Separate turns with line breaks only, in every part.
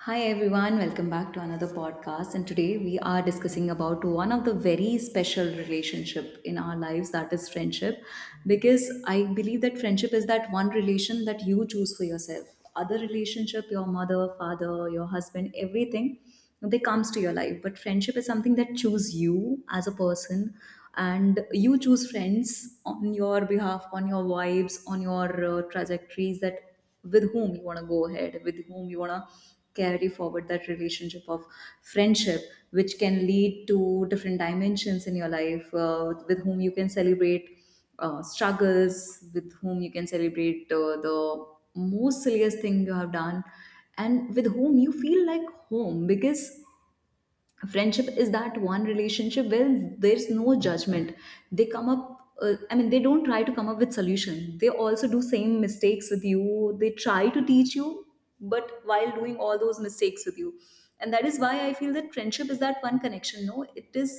Hi everyone, welcome back to another podcast. And today we are discussing about one of the very special relationship in our lives, that is friendship, because I believe that friendship is that one relation that you choose for yourself. Other relationship, your mother, father, your husband, everything, they comes to your life, but friendship is something that choose you as a person. And you choose friends on your behalf, on your vibes, on your trajectories, that with whom you want to go ahead, with whom you want to carry forward that relationship of friendship, which can lead to different dimensions in your life, with whom you can celebrate struggles, with whom you can celebrate the most silliest thing you have done, and with whom you feel like home, because friendship is that one relationship where there's no judgment. They come up, I mean, they don't try to come up with solution, they also do same mistakes with you, they try to teach you, but while doing all those mistakes with you. And that is why I feel that friendship is that one connection, no, it is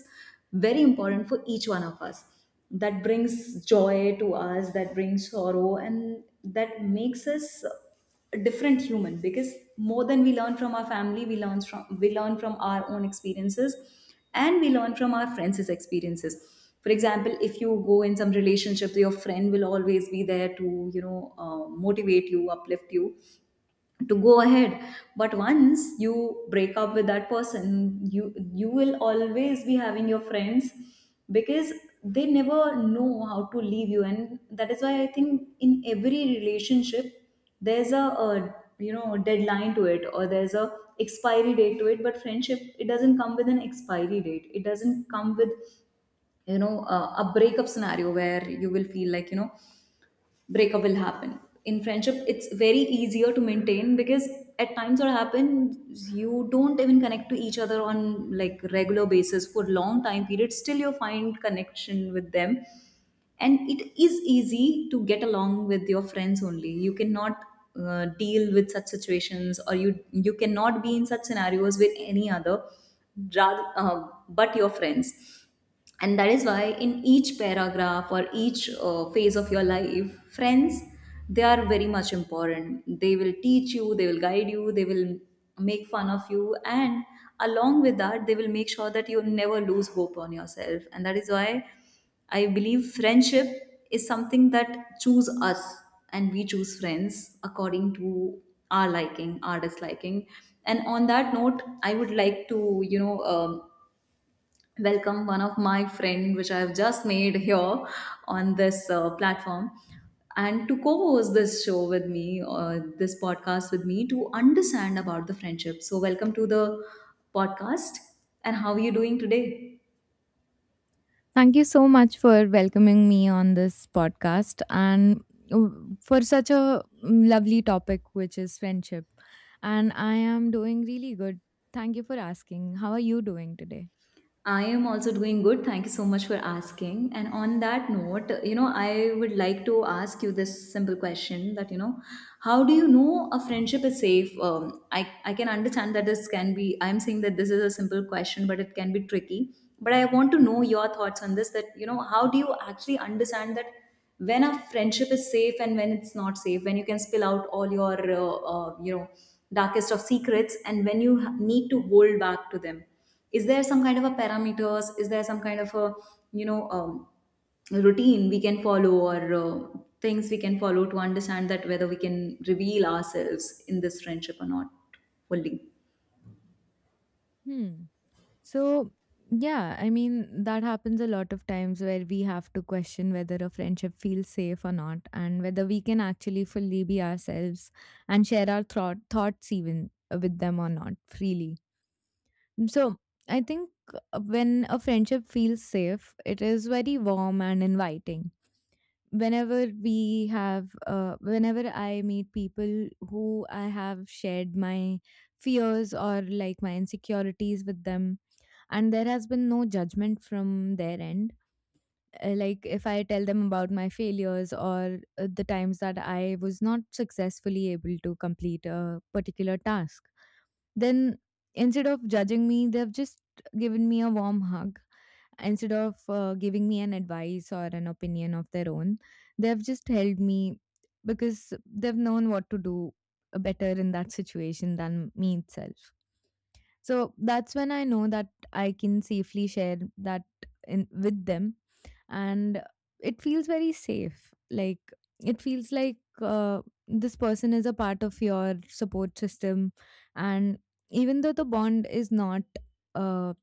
very important for each one of us, that brings joy to us, that brings sorrow, and that makes us a different human, because more than we learn from our family, we learn from our own experiences, and we learn from our friends' experiences. For example, if you go in some relationship, your friend will always be there to, you know, motivate you, uplift you to go ahead. But once you break up with that person, you will always be having your friends, because they never know how to leave you. And that is why I think in every relationship, there's a, you know, deadline to it, or there's a expiry date to it. But friendship, it doesn't come with an expiry date, it doesn't come with, you know, a breakup scenario where you will feel like, you know, breakup will happen. In friendship, it's very easier to maintain, because at times what happens, you don't even connect to each other on like regular basis for long time periods, still you find connection with them. And it is easy to get along with your friends only. You cannot deal with such situations, or you cannot be in such scenarios with any other, rather, but your friends. And that is why in each paragraph or each phase of your life, friends, they are very much important. They will teach you, they will guide you, they will make fun of you, and along with that, they will make sure that you never lose hope on yourself. And that is why I believe friendship is something that choose us, and we choose friends according to our liking, our disliking. And on that note, I would like to, you know um, welcome one of my friend which I've just made here on this platform, and to co-host this show with me, or this podcast with me, to understand about the friendship. So welcome to the podcast. And how are you doing today?
Thank you so much for welcoming me on this podcast and for such a lovely topic, which is friendship. And I am doing really good. Thank you for asking. How are you doing today?
I am also doing good. Thank you so much for asking. And on that note, you know, I would like to ask you this simple question, that, you know, how do you know a friendship is safe? I can understand that this can be, I'm saying that this is a simple question, but it can be tricky. But I want to know your thoughts on this, that, you know, how do you actually understand that when a friendship is safe and when it's not safe, when you can spill out all your, you know, darkest of secrets, and when you need to hold back to them? Is there some kind of a parameters, is there some kind of a, you know, routine we can follow, or things we can follow to understand that whether we can reveal ourselves in this friendship or not, fully?
Hmm. So, yeah, I mean, that happens a lot of times where we have to question whether a friendship feels safe or not, and whether we can actually fully be ourselves and share our thoughts even with them or not freely. So I think when a friendship feels safe, it is very warm and inviting. Whenever we have, whenever I meet people who I have shared my fears or like my insecurities with them, and there has been no judgment from their end. Like if I tell them about my failures or the times that I was not successfully able to complete a particular task, then instead of judging me, they've just given me a warm hug. Instead of giving me an advice or an opinion of their own, they've just held me because they've known what to do better in that situation than me itself. So that's when I know that I can safely share that in, with them, and it feels very safe, like it feels like uh, this person is a part of your support system. And even though the bond is not uh,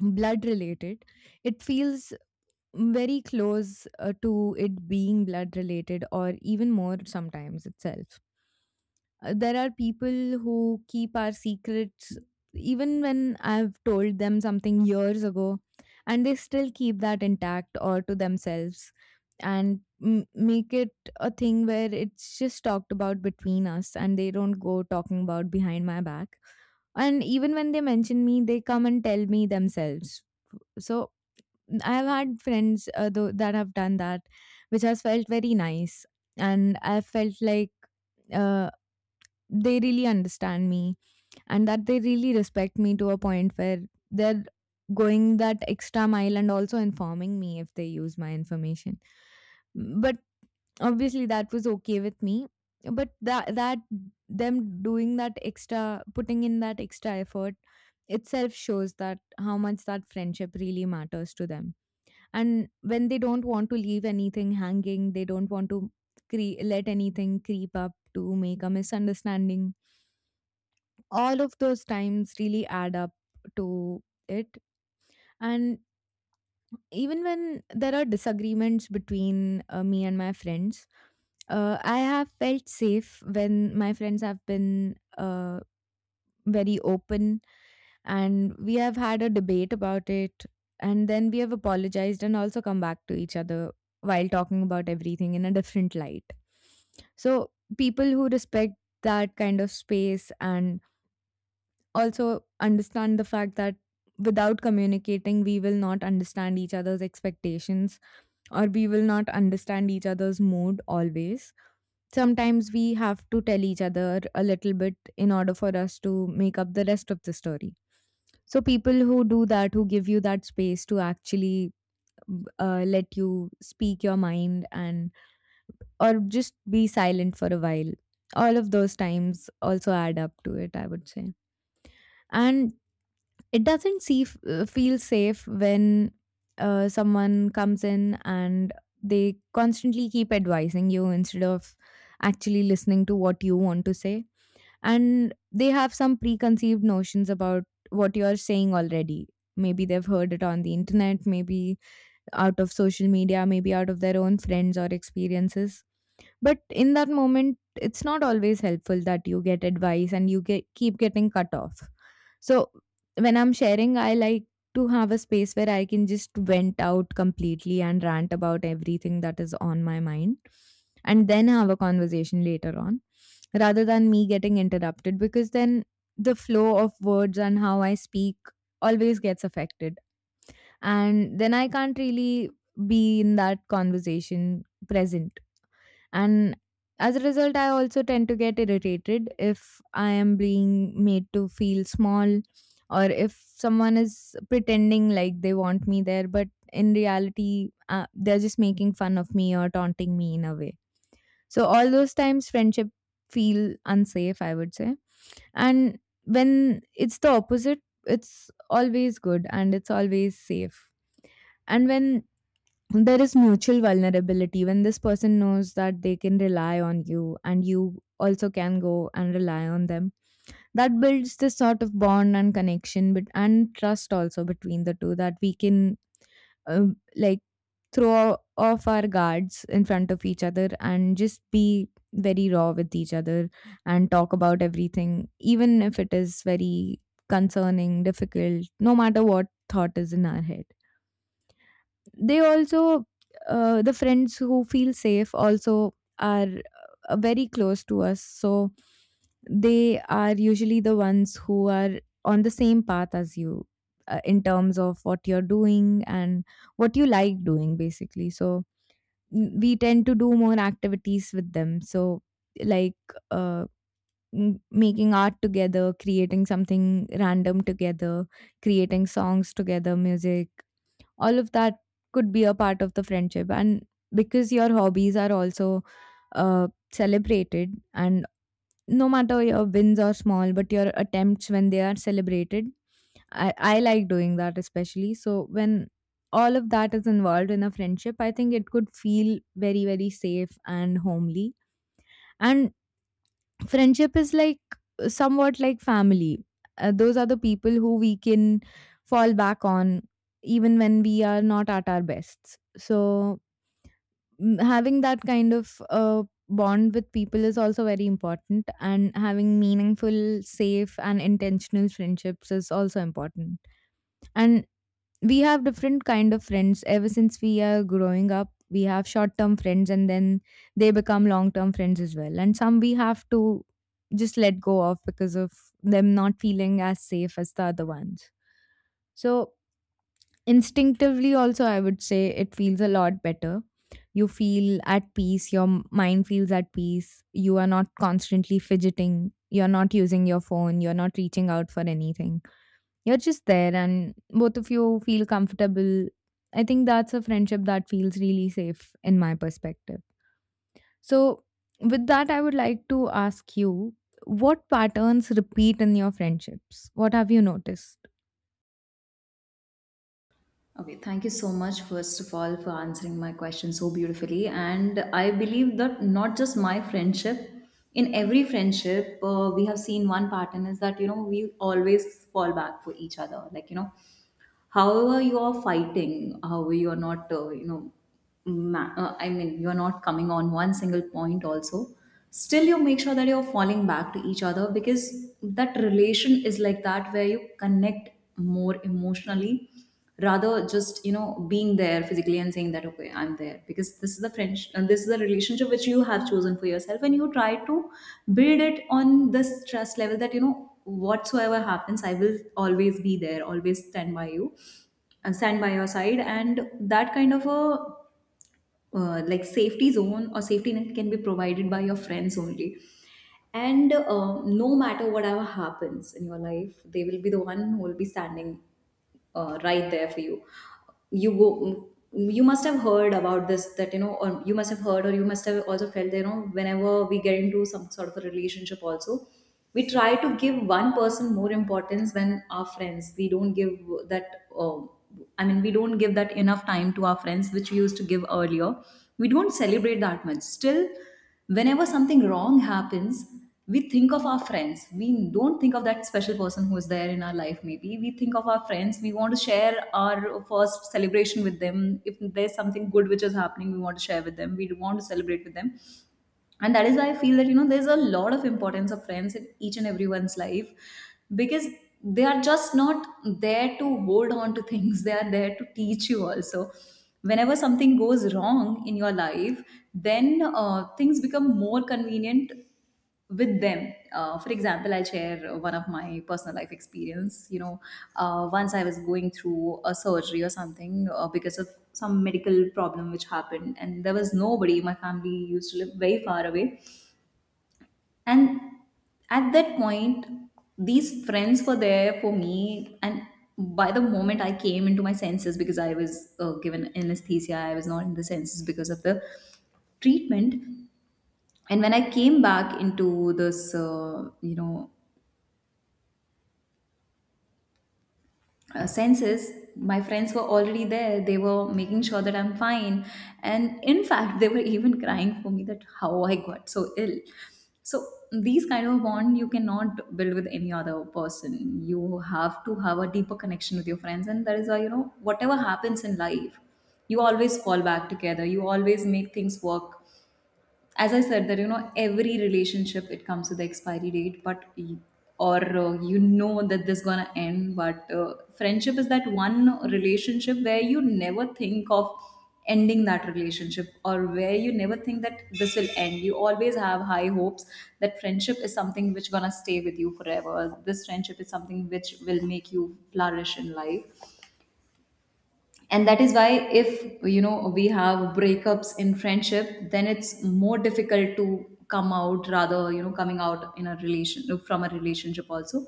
blood related, it feels very close to it being blood related or even more sometimes itself. There are people who keep our secrets even when I've told them something years ago, and they still keep that intact or to themselves and make it a thing where it's just talked about between us and they don't go talking about behind my back. And even when they mention me, they come and tell me themselves. So I've had friends though, that have done that, which has felt very nice. And I felt like uh, they really understand me and that they really respect me to a point where they're going that extra mile and also informing me if they use my information. But obviously that was okay with me. But that them doing that extra, putting in that extra effort, itself shows that how much that friendship really matters to them. And when they don't want to leave anything hanging, they don't want to let anything creep up to make a misunderstanding, all of those times really add up to it. And even when there are disagreements between me and my friends, I have felt safe when my friends have been very open and we have had a debate about it, and then we have apologized and also come back to each other while talking about everything in a different light. So people who respect that kind of space and also understand the fact that without communicating, we will not understand each other's expectations or we will not understand each other's mood always. Sometimes we have to tell each other a little bit in order for us to make up the rest of the story. So, people who do that, who give you that space to actually let you speak your mind and or just be silent for a while, all of those times also add up to it, I would say. And it doesn't feel safe when someone comes in and they constantly keep advising you instead of actually listening to what you want to say. And they have some preconceived notions about what you are saying already. Maybe they've heard it on the internet, maybe out of social media, maybe out of their own friends or experiences. But in that moment, it's not always helpful that you get advice and you get keep getting cut off. So when I'm sharing, I like to have a space where I can just vent out completely and rant about everything that is on my mind and then have a conversation later on rather than me getting interrupted, because then the flow of words and how I speak always gets affected and then I can't really be in that conversation present. And as a result, I also tend to get irritated if I am being made to feel small or if someone is pretending like they want me there, but in reality, they're just making fun of me or taunting me in a way. So, all those times, friendship feel unsafe, I would say. And when it's the opposite, it's always good and it's always safe. And when there is mutual vulnerability, when this person knows that they can rely on you and you also can go and rely on them, that builds this sort of bond and connection, but and trust also between the two, that we can like throw off our guards in front of each other and just be very raw with each other and talk about everything even if it is very concerning, difficult, no matter what thought is in our head. They also, the friends who feel safe also are very close to us, so they are usually the ones who are on the same path as you in terms of what you're doing and what you like doing, basically. So we tend to do more activities with them, so like uh, making art together, creating something random together, creating songs together, music, all of that could be a part of the friendship. And because your hobbies are also celebrated, and no matter your wins are small, but your attempts when they are celebrated, I like doing that especially. So when all of that is involved in a friendship, I think it could feel very, very safe and homely. And friendship is like somewhat like family. Those are the people who we can fall back on even when we are not at our best. So, having that kind of bond with people is also very important, and having meaningful, safe, and intentional friendships is also important. And we have different kind of friends ever since we are growing up. We have short term friends and then they become long term friends as well, and some we have to just let go of because of them not feeling as safe as the other ones. So instinctively also, I would say it feels a lot better. You feel at peace, your mind feels at peace, you are not constantly fidgeting, you're not using your phone, you're not reaching out for anything, you're just there and both of you feel comfortable. I think that's a friendship that feels really safe in my perspective. So, with that, I would like to ask you, what patterns repeat in your friendships? What have you noticed?
Okay, thank you so much first of all for answering my question so beautifully. And I believe that not just my friendship, in every friendship, we have seen one pattern is that, you know, we always fall back for each other. Like, you know, however you are fighting, however you are not, you know, I mean, you are not coming on one single point also, still you make sure that you're falling back to each other, because that relation is like that, where you connect more emotionally, rather just, you know, being there physically and saying that, okay, I'm there. Because this is the french, and this is the relationship which you have chosen for yourself, and you try to build it on this trust level, that, you know, whatsoever happens, I will always be there, always stand by you, and stand by your side. And that kind of a, like, safety zone or safety net can be provided by your friends only. And no matter whatever happens in your life, they will be the one who will be standing right there for you. You go You must have heard about this, that, you know, or you must have heard, or you must have also felt that, you know, whenever we get into some sort of a relationship also, we try to give one person more importance than our friends. We don't give that I mean, we don't give that enough time to our friends which we used to give earlier. We don't celebrate that much. Still, whenever something wrong happens, we think of our friends, we don't think of that special person who is there in our life. Maybe we think of our friends, we want to share our first celebration with them. If there's something good which is happening, we want to share with them, we want to celebrate with them. And that is why I feel that, you know, there's a lot of importance of friends in each and everyone's life, because they are just not there to hold on to things, they are there to teach you also. Whenever something goes wrong in your life, then things become more convenient with them. For example, I'll share one of my personal life experience, you know. Once I was going through a surgery or something, because of some medical problem which happened. And there was nobody, my family used to live very far away. And at that point, these friends were there for me. And by the moment I came into my senses, because I was, given anesthesia, I was not in the senses because of the treatment. And when I came back into this, you know, senses, my friends were already there, they were making sure that I'm fine. And in fact they were even crying for me, that how I got so ill. So these kind of bond you cannot build with any other person. You have to have a deeper connection with your friends. And that is why, you know, whatever happens in life, you always fall back together, you always make things work. As I said, that, you know, every relationship, it comes with the expiry date, but or you know, that this gonna end. But friendship is that one relationship where you never think of ending that relationship, or where you never think that this will end. You always have high hopes that friendship is something which gonna stay with you forever. This friendship is something which will make you flourish in life. And that is why, if, you know, we have breakups in friendship, then it's more difficult to come out, rather, you know, coming out in a relation, from a relationship also,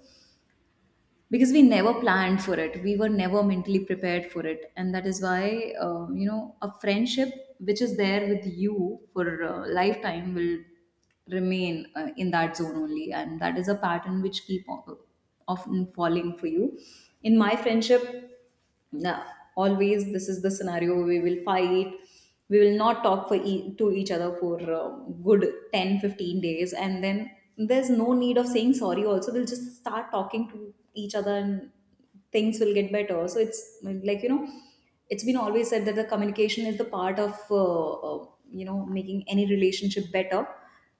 because we never planned for it, we were never mentally prepared for it. And that is why, you know, a friendship which is there with you for a lifetime will remain in that zone only. And that is a pattern which keep often falling for you. In my friendship now, always this is the scenario: we will fight, we will not talk for to each other for good 10 to 15 days, and then there's no need of saying sorry also, we'll just start talking to each other, and things will get better. So it's like, you know, it's been always said that the communication is the part of, you know, making any relationship better.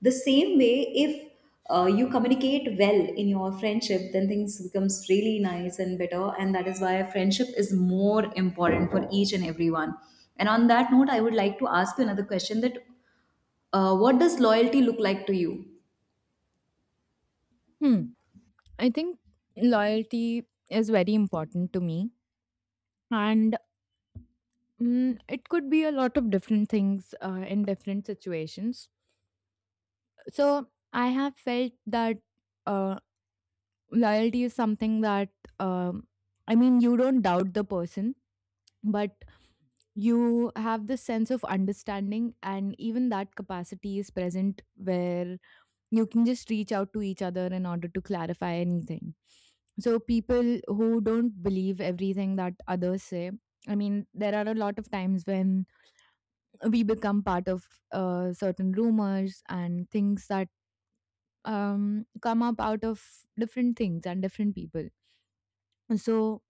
The same way, if you communicate well in your friendship, then things becomes really nice and better. And that is why friendship is more important for each and everyone. And on that note, I would like to ask you another question, that, what does loyalty look like to you?
Hmm. I think loyalty is very important to me. And it could be a lot of different things in different situations. So I have felt that uh, loyalty is something that, um, I mean, you don't doubt the person, but you have this sense of understanding, and even that capacity is present where you can just reach out to each other in order to clarify anything. So, people who don't believe everything that others say, I mean, there are a lot of times when we become part of certain rumors and things that come up out of different things and different people. So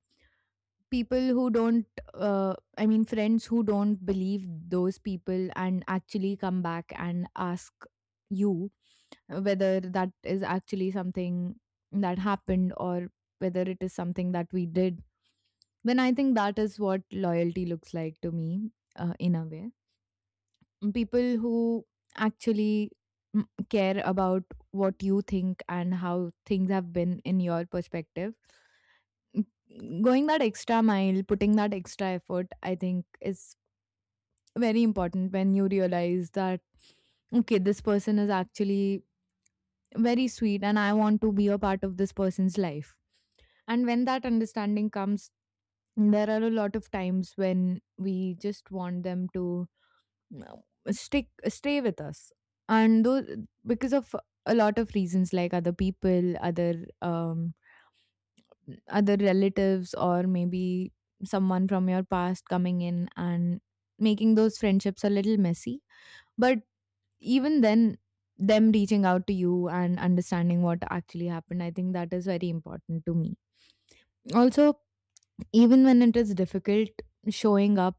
people who don't friends who don't believe those people and actually come back and ask you whether that is actually something that happened or whether it is something that we did, then I think that is what loyalty looks like to me in a way. People who actually care about what you think and how things have been in your perspective. Going that extra mile, putting that extra effort, I think is very important. When you realize that, okay, this person is actually very sweet and I want to be a part of this person's life. And when that understanding comes, there are a lot of times when we just want them to you stick stay with us. And those, because of a lot of reasons like other people, other relatives, or maybe someone from your past coming in and making those friendships a little messy. But even then, them reaching out to you and understanding what actually happened, I think that is very important to me. Also, even when it is difficult, showing up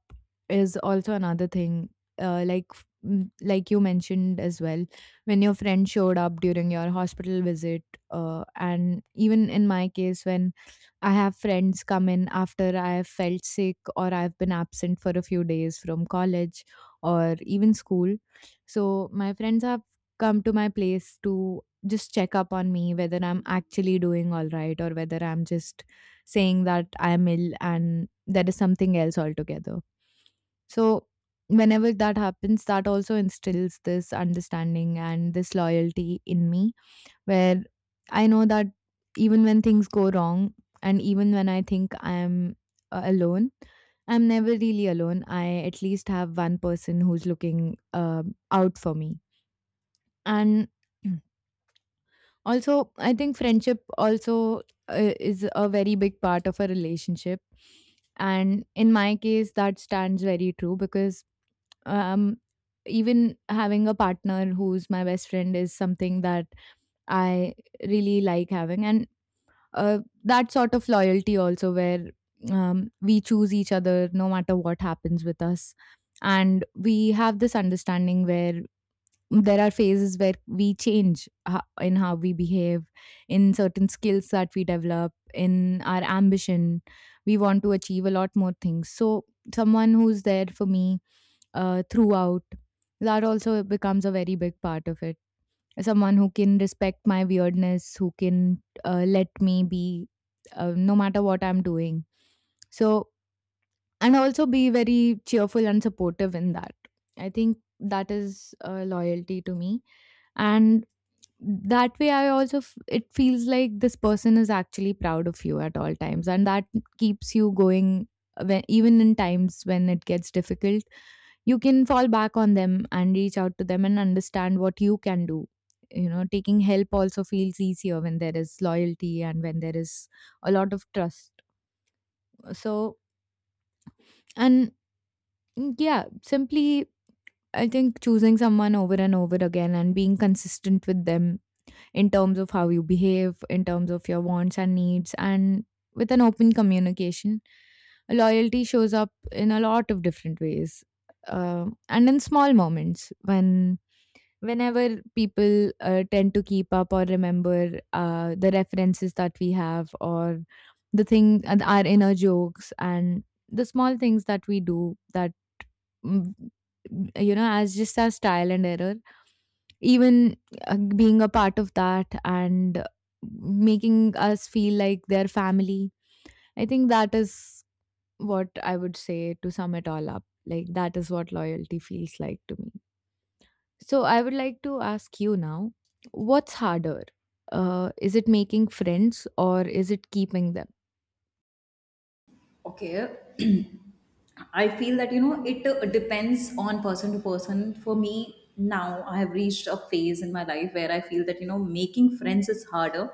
is also another thing, uh, like f- like you mentioned as well when your friend showed up during your hospital visit. And even in my case, when I have friends come in after I have felt sick or I've been absent for a few days from college or even school, so my friends have come to my place to just check up on me, whether I'm actually doing all right or whether I'm just saying that I'm ill and there is something else altogether. So, whenever that happens, that also instills this understanding and this loyalty in me, where I know that even when things go wrong, and even when I think I'm alone, I'm never really alone. I at least have one person who's looking out for me. And also, I think friendship also is a very big part of a relationship. And in my case, that stands very true because um, even having a partner who's my best friend is something that I really like having. And that sort of loyalty also, where we choose each other no matter what happens with us. And we have this understanding where there are phases where in how we behave, in certain skills that we develop, in our ambition. We want to achieve a lot more things. So, someone who's there for me throughout, that also becomes a very big part of it. Someone who can respect my weirdness, who can let me be, no matter what I'm doing. So, and also be very cheerful and supportive in that. I think that is loyalty to me, and that way I it feels like this person is actually proud of you at all times, and that keeps you going when, even in times when it gets difficult, you can fall back on them and reach out to them and understand what you can do. You know, taking help also feels easier when there is loyalty and when there is a lot of trust. So, and yeah, simply, I think choosing someone over and over again and being consistent with them, in terms of how you behave, in terms of your wants and needs, and with an open communication. Loyalty shows up in a lot of different ways, and in small moments when whenever people tend to keep up or remember the references that we have, or the thing and our inner jokes and the small things that we do that, mm, you know, as just our trial and error, even being a part of that and making us feel like their family. I think that is what I would say to sum it all up. Like, that is what loyalty feels like to me. So, I would like to ask you now, what's harder? Is it making friends or is it keeping them?
Okay, I feel that, you know, it Depends on person to person. For me, now I have reached a phase in my life where I feel that, you know, making friends is harder.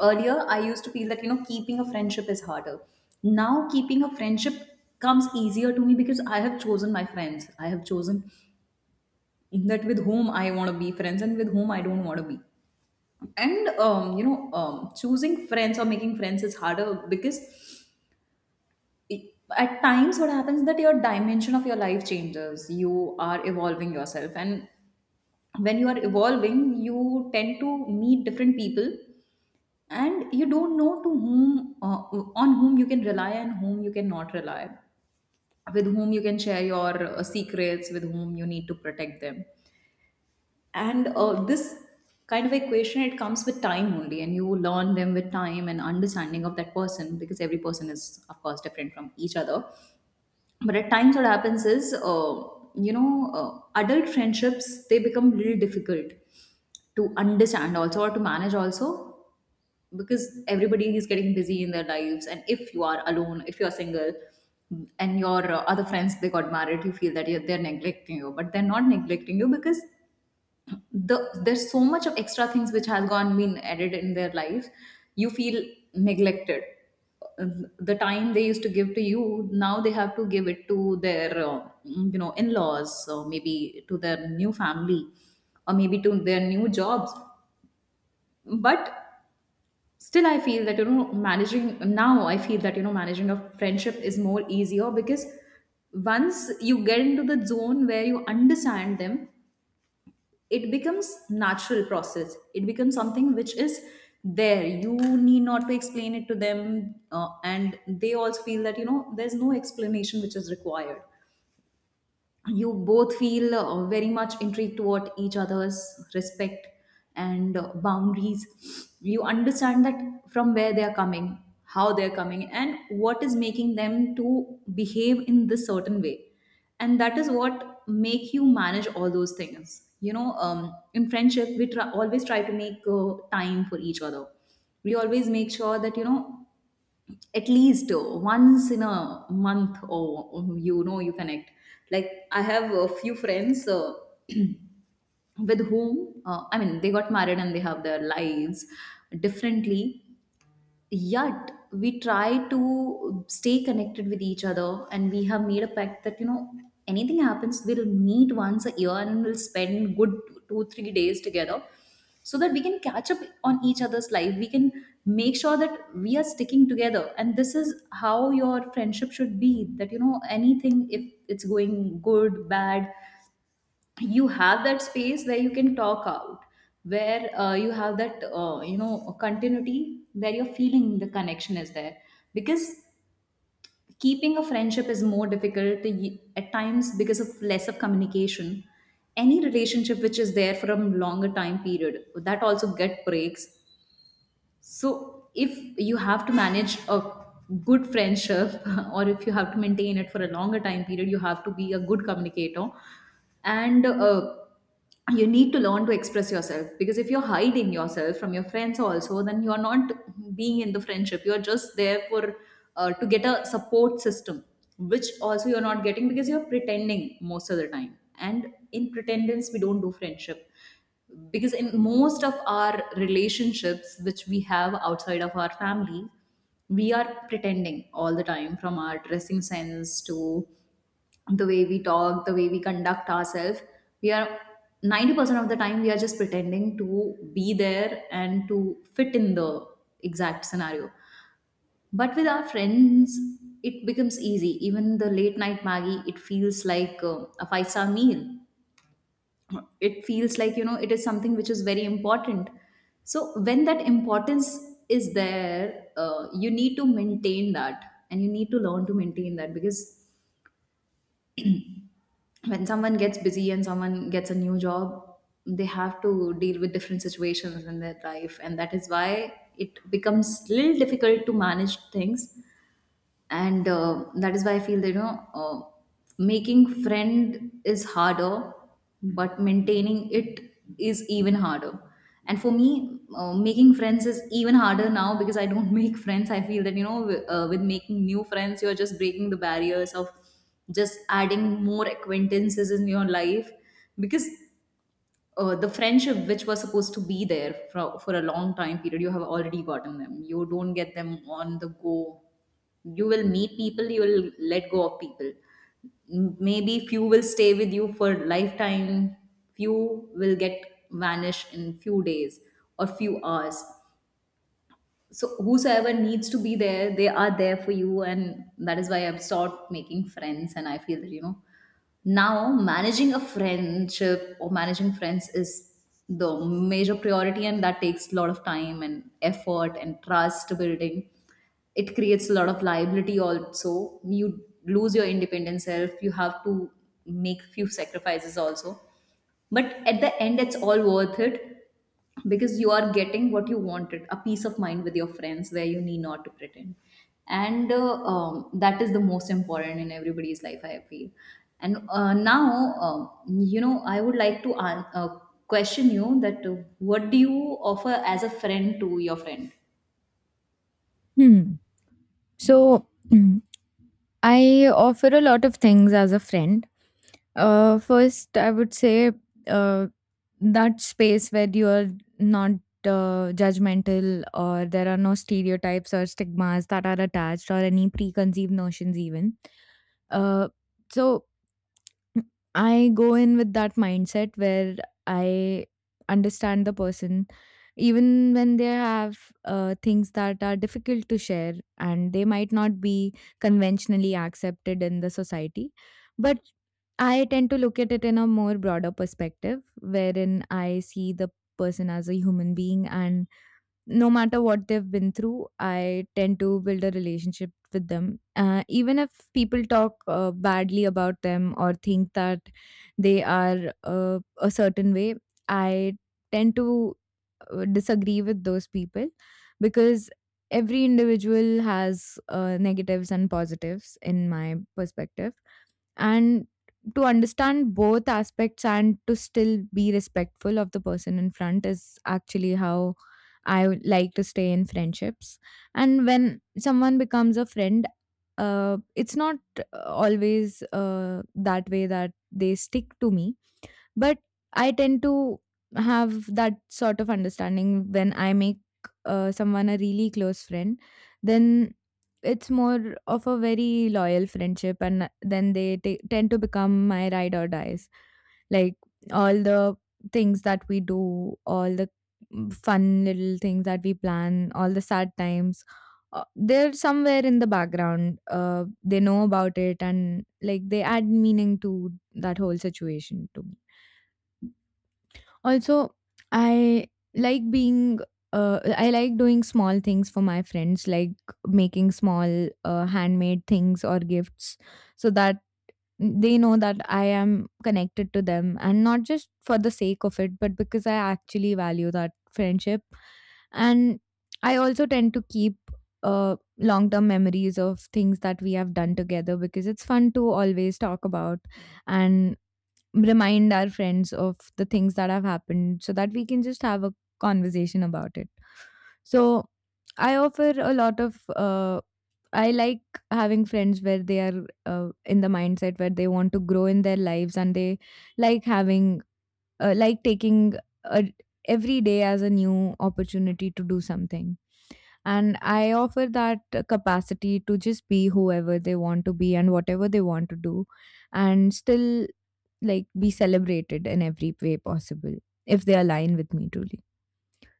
Earlier, I used to feel that, you know, keeping a friendship is harder. Now, keeping a friendship comes easier to me because I have chosen my friends. I have chosen that with whom I want to be friends and with whom I don't want to be. And you know, choosing friends or making friends is harder because it, at times what happens that your dimension of your life changes, you are evolving yourself, and when you are evolving you tend to meet different people and you don't know to whom on whom you can rely and whom you cannot rely, with whom you can share your secrets, with whom you need to protect them. And uh, this kind of equation, it comes with time only, and you learn them with time and understanding of that person, because every person is of course different from each other. But at times what happens is, you know, adult friendships, they become little difficult to understand also or to manage also, because everybody is getting busy in their lives. And if you are alone, if you are single, and your other friends they got married, you feel that they're neglecting you, but they're not neglecting you because there's so much of extra things which has gone been added in their life. You feel neglected. Uh, the time they used to give to you now they have to give it to their you know, in-laws, or maybe to their new family, or maybe to their new jobs. But still I feel that you know managing Now I feel that, you know, managing a friendship is more easier because once you get into the zone where you understand them, it becomes natural process, it becomes something which is there, you need not to explain it to them, and they also feel that, you know, there's no explanation which is required. You both feel very much intrigued toward each other's respect and boundaries. You understand that from where they are coming, how they are coming, and what is making them to behave in this certain way. And that is what make you manage all those things, you know. In friendship we always try to make time for each other. We always make sure that, you know, at least once in a month, or you know, you connect. Like I have a few friends, with whom, I mean, they got married and they have their lives differently, yet we try to stay connected with each other. And we have made a pact that, you know, anything happens, we'll meet once a year, and we'll spend good 2 3 days together, so that we can catch up on each other's life. We can make sure that we are sticking together. And this is how your friendship should be, that, you know, anything, if it's going good, bad, you have that space where you can talk out, where you have that you know, continuity, where you're feeling the connection is there. Because keeping a friendship is more difficult at times because of less of communication. Any relationship which is there for a longer time period, that also get breaks. So if you have to manage a good friendship or if you have to maintain it for a longer time period, you have to be a good communicator. And uh, you need to learn to express yourself, because if you're hiding yourself from your friends also, then you're not being in the friendship, you're just there for to get a support system, which also you're not getting, because you're pretending most of the time. And in pretendence, we don't do friendship, because in most of our relationships which we have outside of our family, we are pretending all the time, from our dressing sense to the way we talk, the way we conduct ourselves. We are 90% of the time we are just pretending to be there and to fit in the exact scenario. But with our friends it becomes easy. Even the late night maggie, it feels like a five-star meal. It feels like, you know, it is something which is very important. So when that importance is there, you need to maintain that. And you need to learn to maintain that, because when someone gets busy and someone gets a new job, they have to deal with different situations in their life, and that is why it becomes little difficult to manage things. And uh, that is why I feel that, you know, making friend is harder, but maintaining it is even harder. And for me, making friends is even harder now, because I don't make friends. I feel that, you know, with making new friends, you're just breaking the barriers of just adding more acquaintances in your life. Because the friendship which was supposed to be there for a long time period, you have already gotten them. You don't get them on the go. You will meet people, you will let go of people. Maybe few will stay with you for lifetime, few will get vanish in few days or few hours. So whosoever needs to be there, they are there for you. And that is why I've stopped making friends, and I feel that, you know, now managing a friendship or managing friends is the major priority, and that takes a lot of time and effort and trust building. It creates a lot of liability also. You lose your independent self, you have to make few sacrifices also. But at the end, it's all worth it, because you are getting what you wanted, a peace of mind with your friends, where you need not to pretend. And uh, um, that is the most important in everybody's life, I feel. And uh, now um, you know, I would like to question you that, what do you offer as a friend to your friend?
Hmm. So, I offer a lot of things as a friend. First, I would say, uh, that space where you are not judgmental, or there are no stereotypes or stigmas that are attached, or any preconceived notions, even. Uh, so, I go in with that mindset where I understand the person, even when they have things that are difficult to share and they might not be conventionally accepted in the society. But I tend to look at it in a more broader perspective, wherein I see the person as a human being, and no matter what they've been through, I tend to build a relationship with them. Even if people talk badly about them or think that they are a certain way, I tend to disagree with those people because every individual has negatives and positives in my perspective. And to understand both aspects and to still be respectful of the person in front is actually how I would like to stay in friendships. And when someone becomes a friend, it's not always that way, that they stick to me. But I tend to have that sort of understanding when I make someone a really close friend, then it's more of a very loyal friendship, and then they ta tend to become my ride or dies. Like all the things that we do, all the fun little things that we plan, all the sad times, they're somewhere in the background. They know about it, and like, they add meaning to that whole situation to me. Also, I like being, I like doing small things for my friends, like making small handmade things or gifts, so that they know that I am connected to them, and not just for the sake of it, but because I actually value that friendship. And I also tend to keep long term memories of things that we have done together, because it's fun to always talk about and remind our friends of the things that have happened so that we can just have a conversation about it. So, I offer a lot of, I like having friends where they are in the mindset where they want to grow in their lives, and they like having, like taking a, every day as a new opportunity to do something. And I offer that capacity to just be whoever they want to be and whatever they want to do, and still like be celebrated in every way possible if they align with me truly.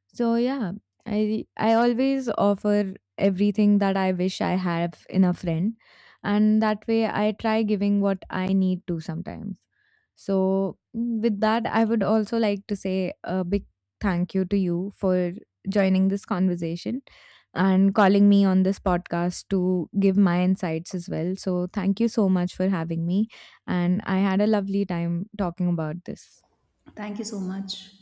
So yeah, I always offer everything that I wish I have in a friend, and that way I try giving what I need to sometimes. So, with that, I would also like to say a big thank you to you for joining this conversation and calling me on this podcast to give my insights as well. So thank you so much for having me, and I had a lovely time talking about this.
Thank you so much.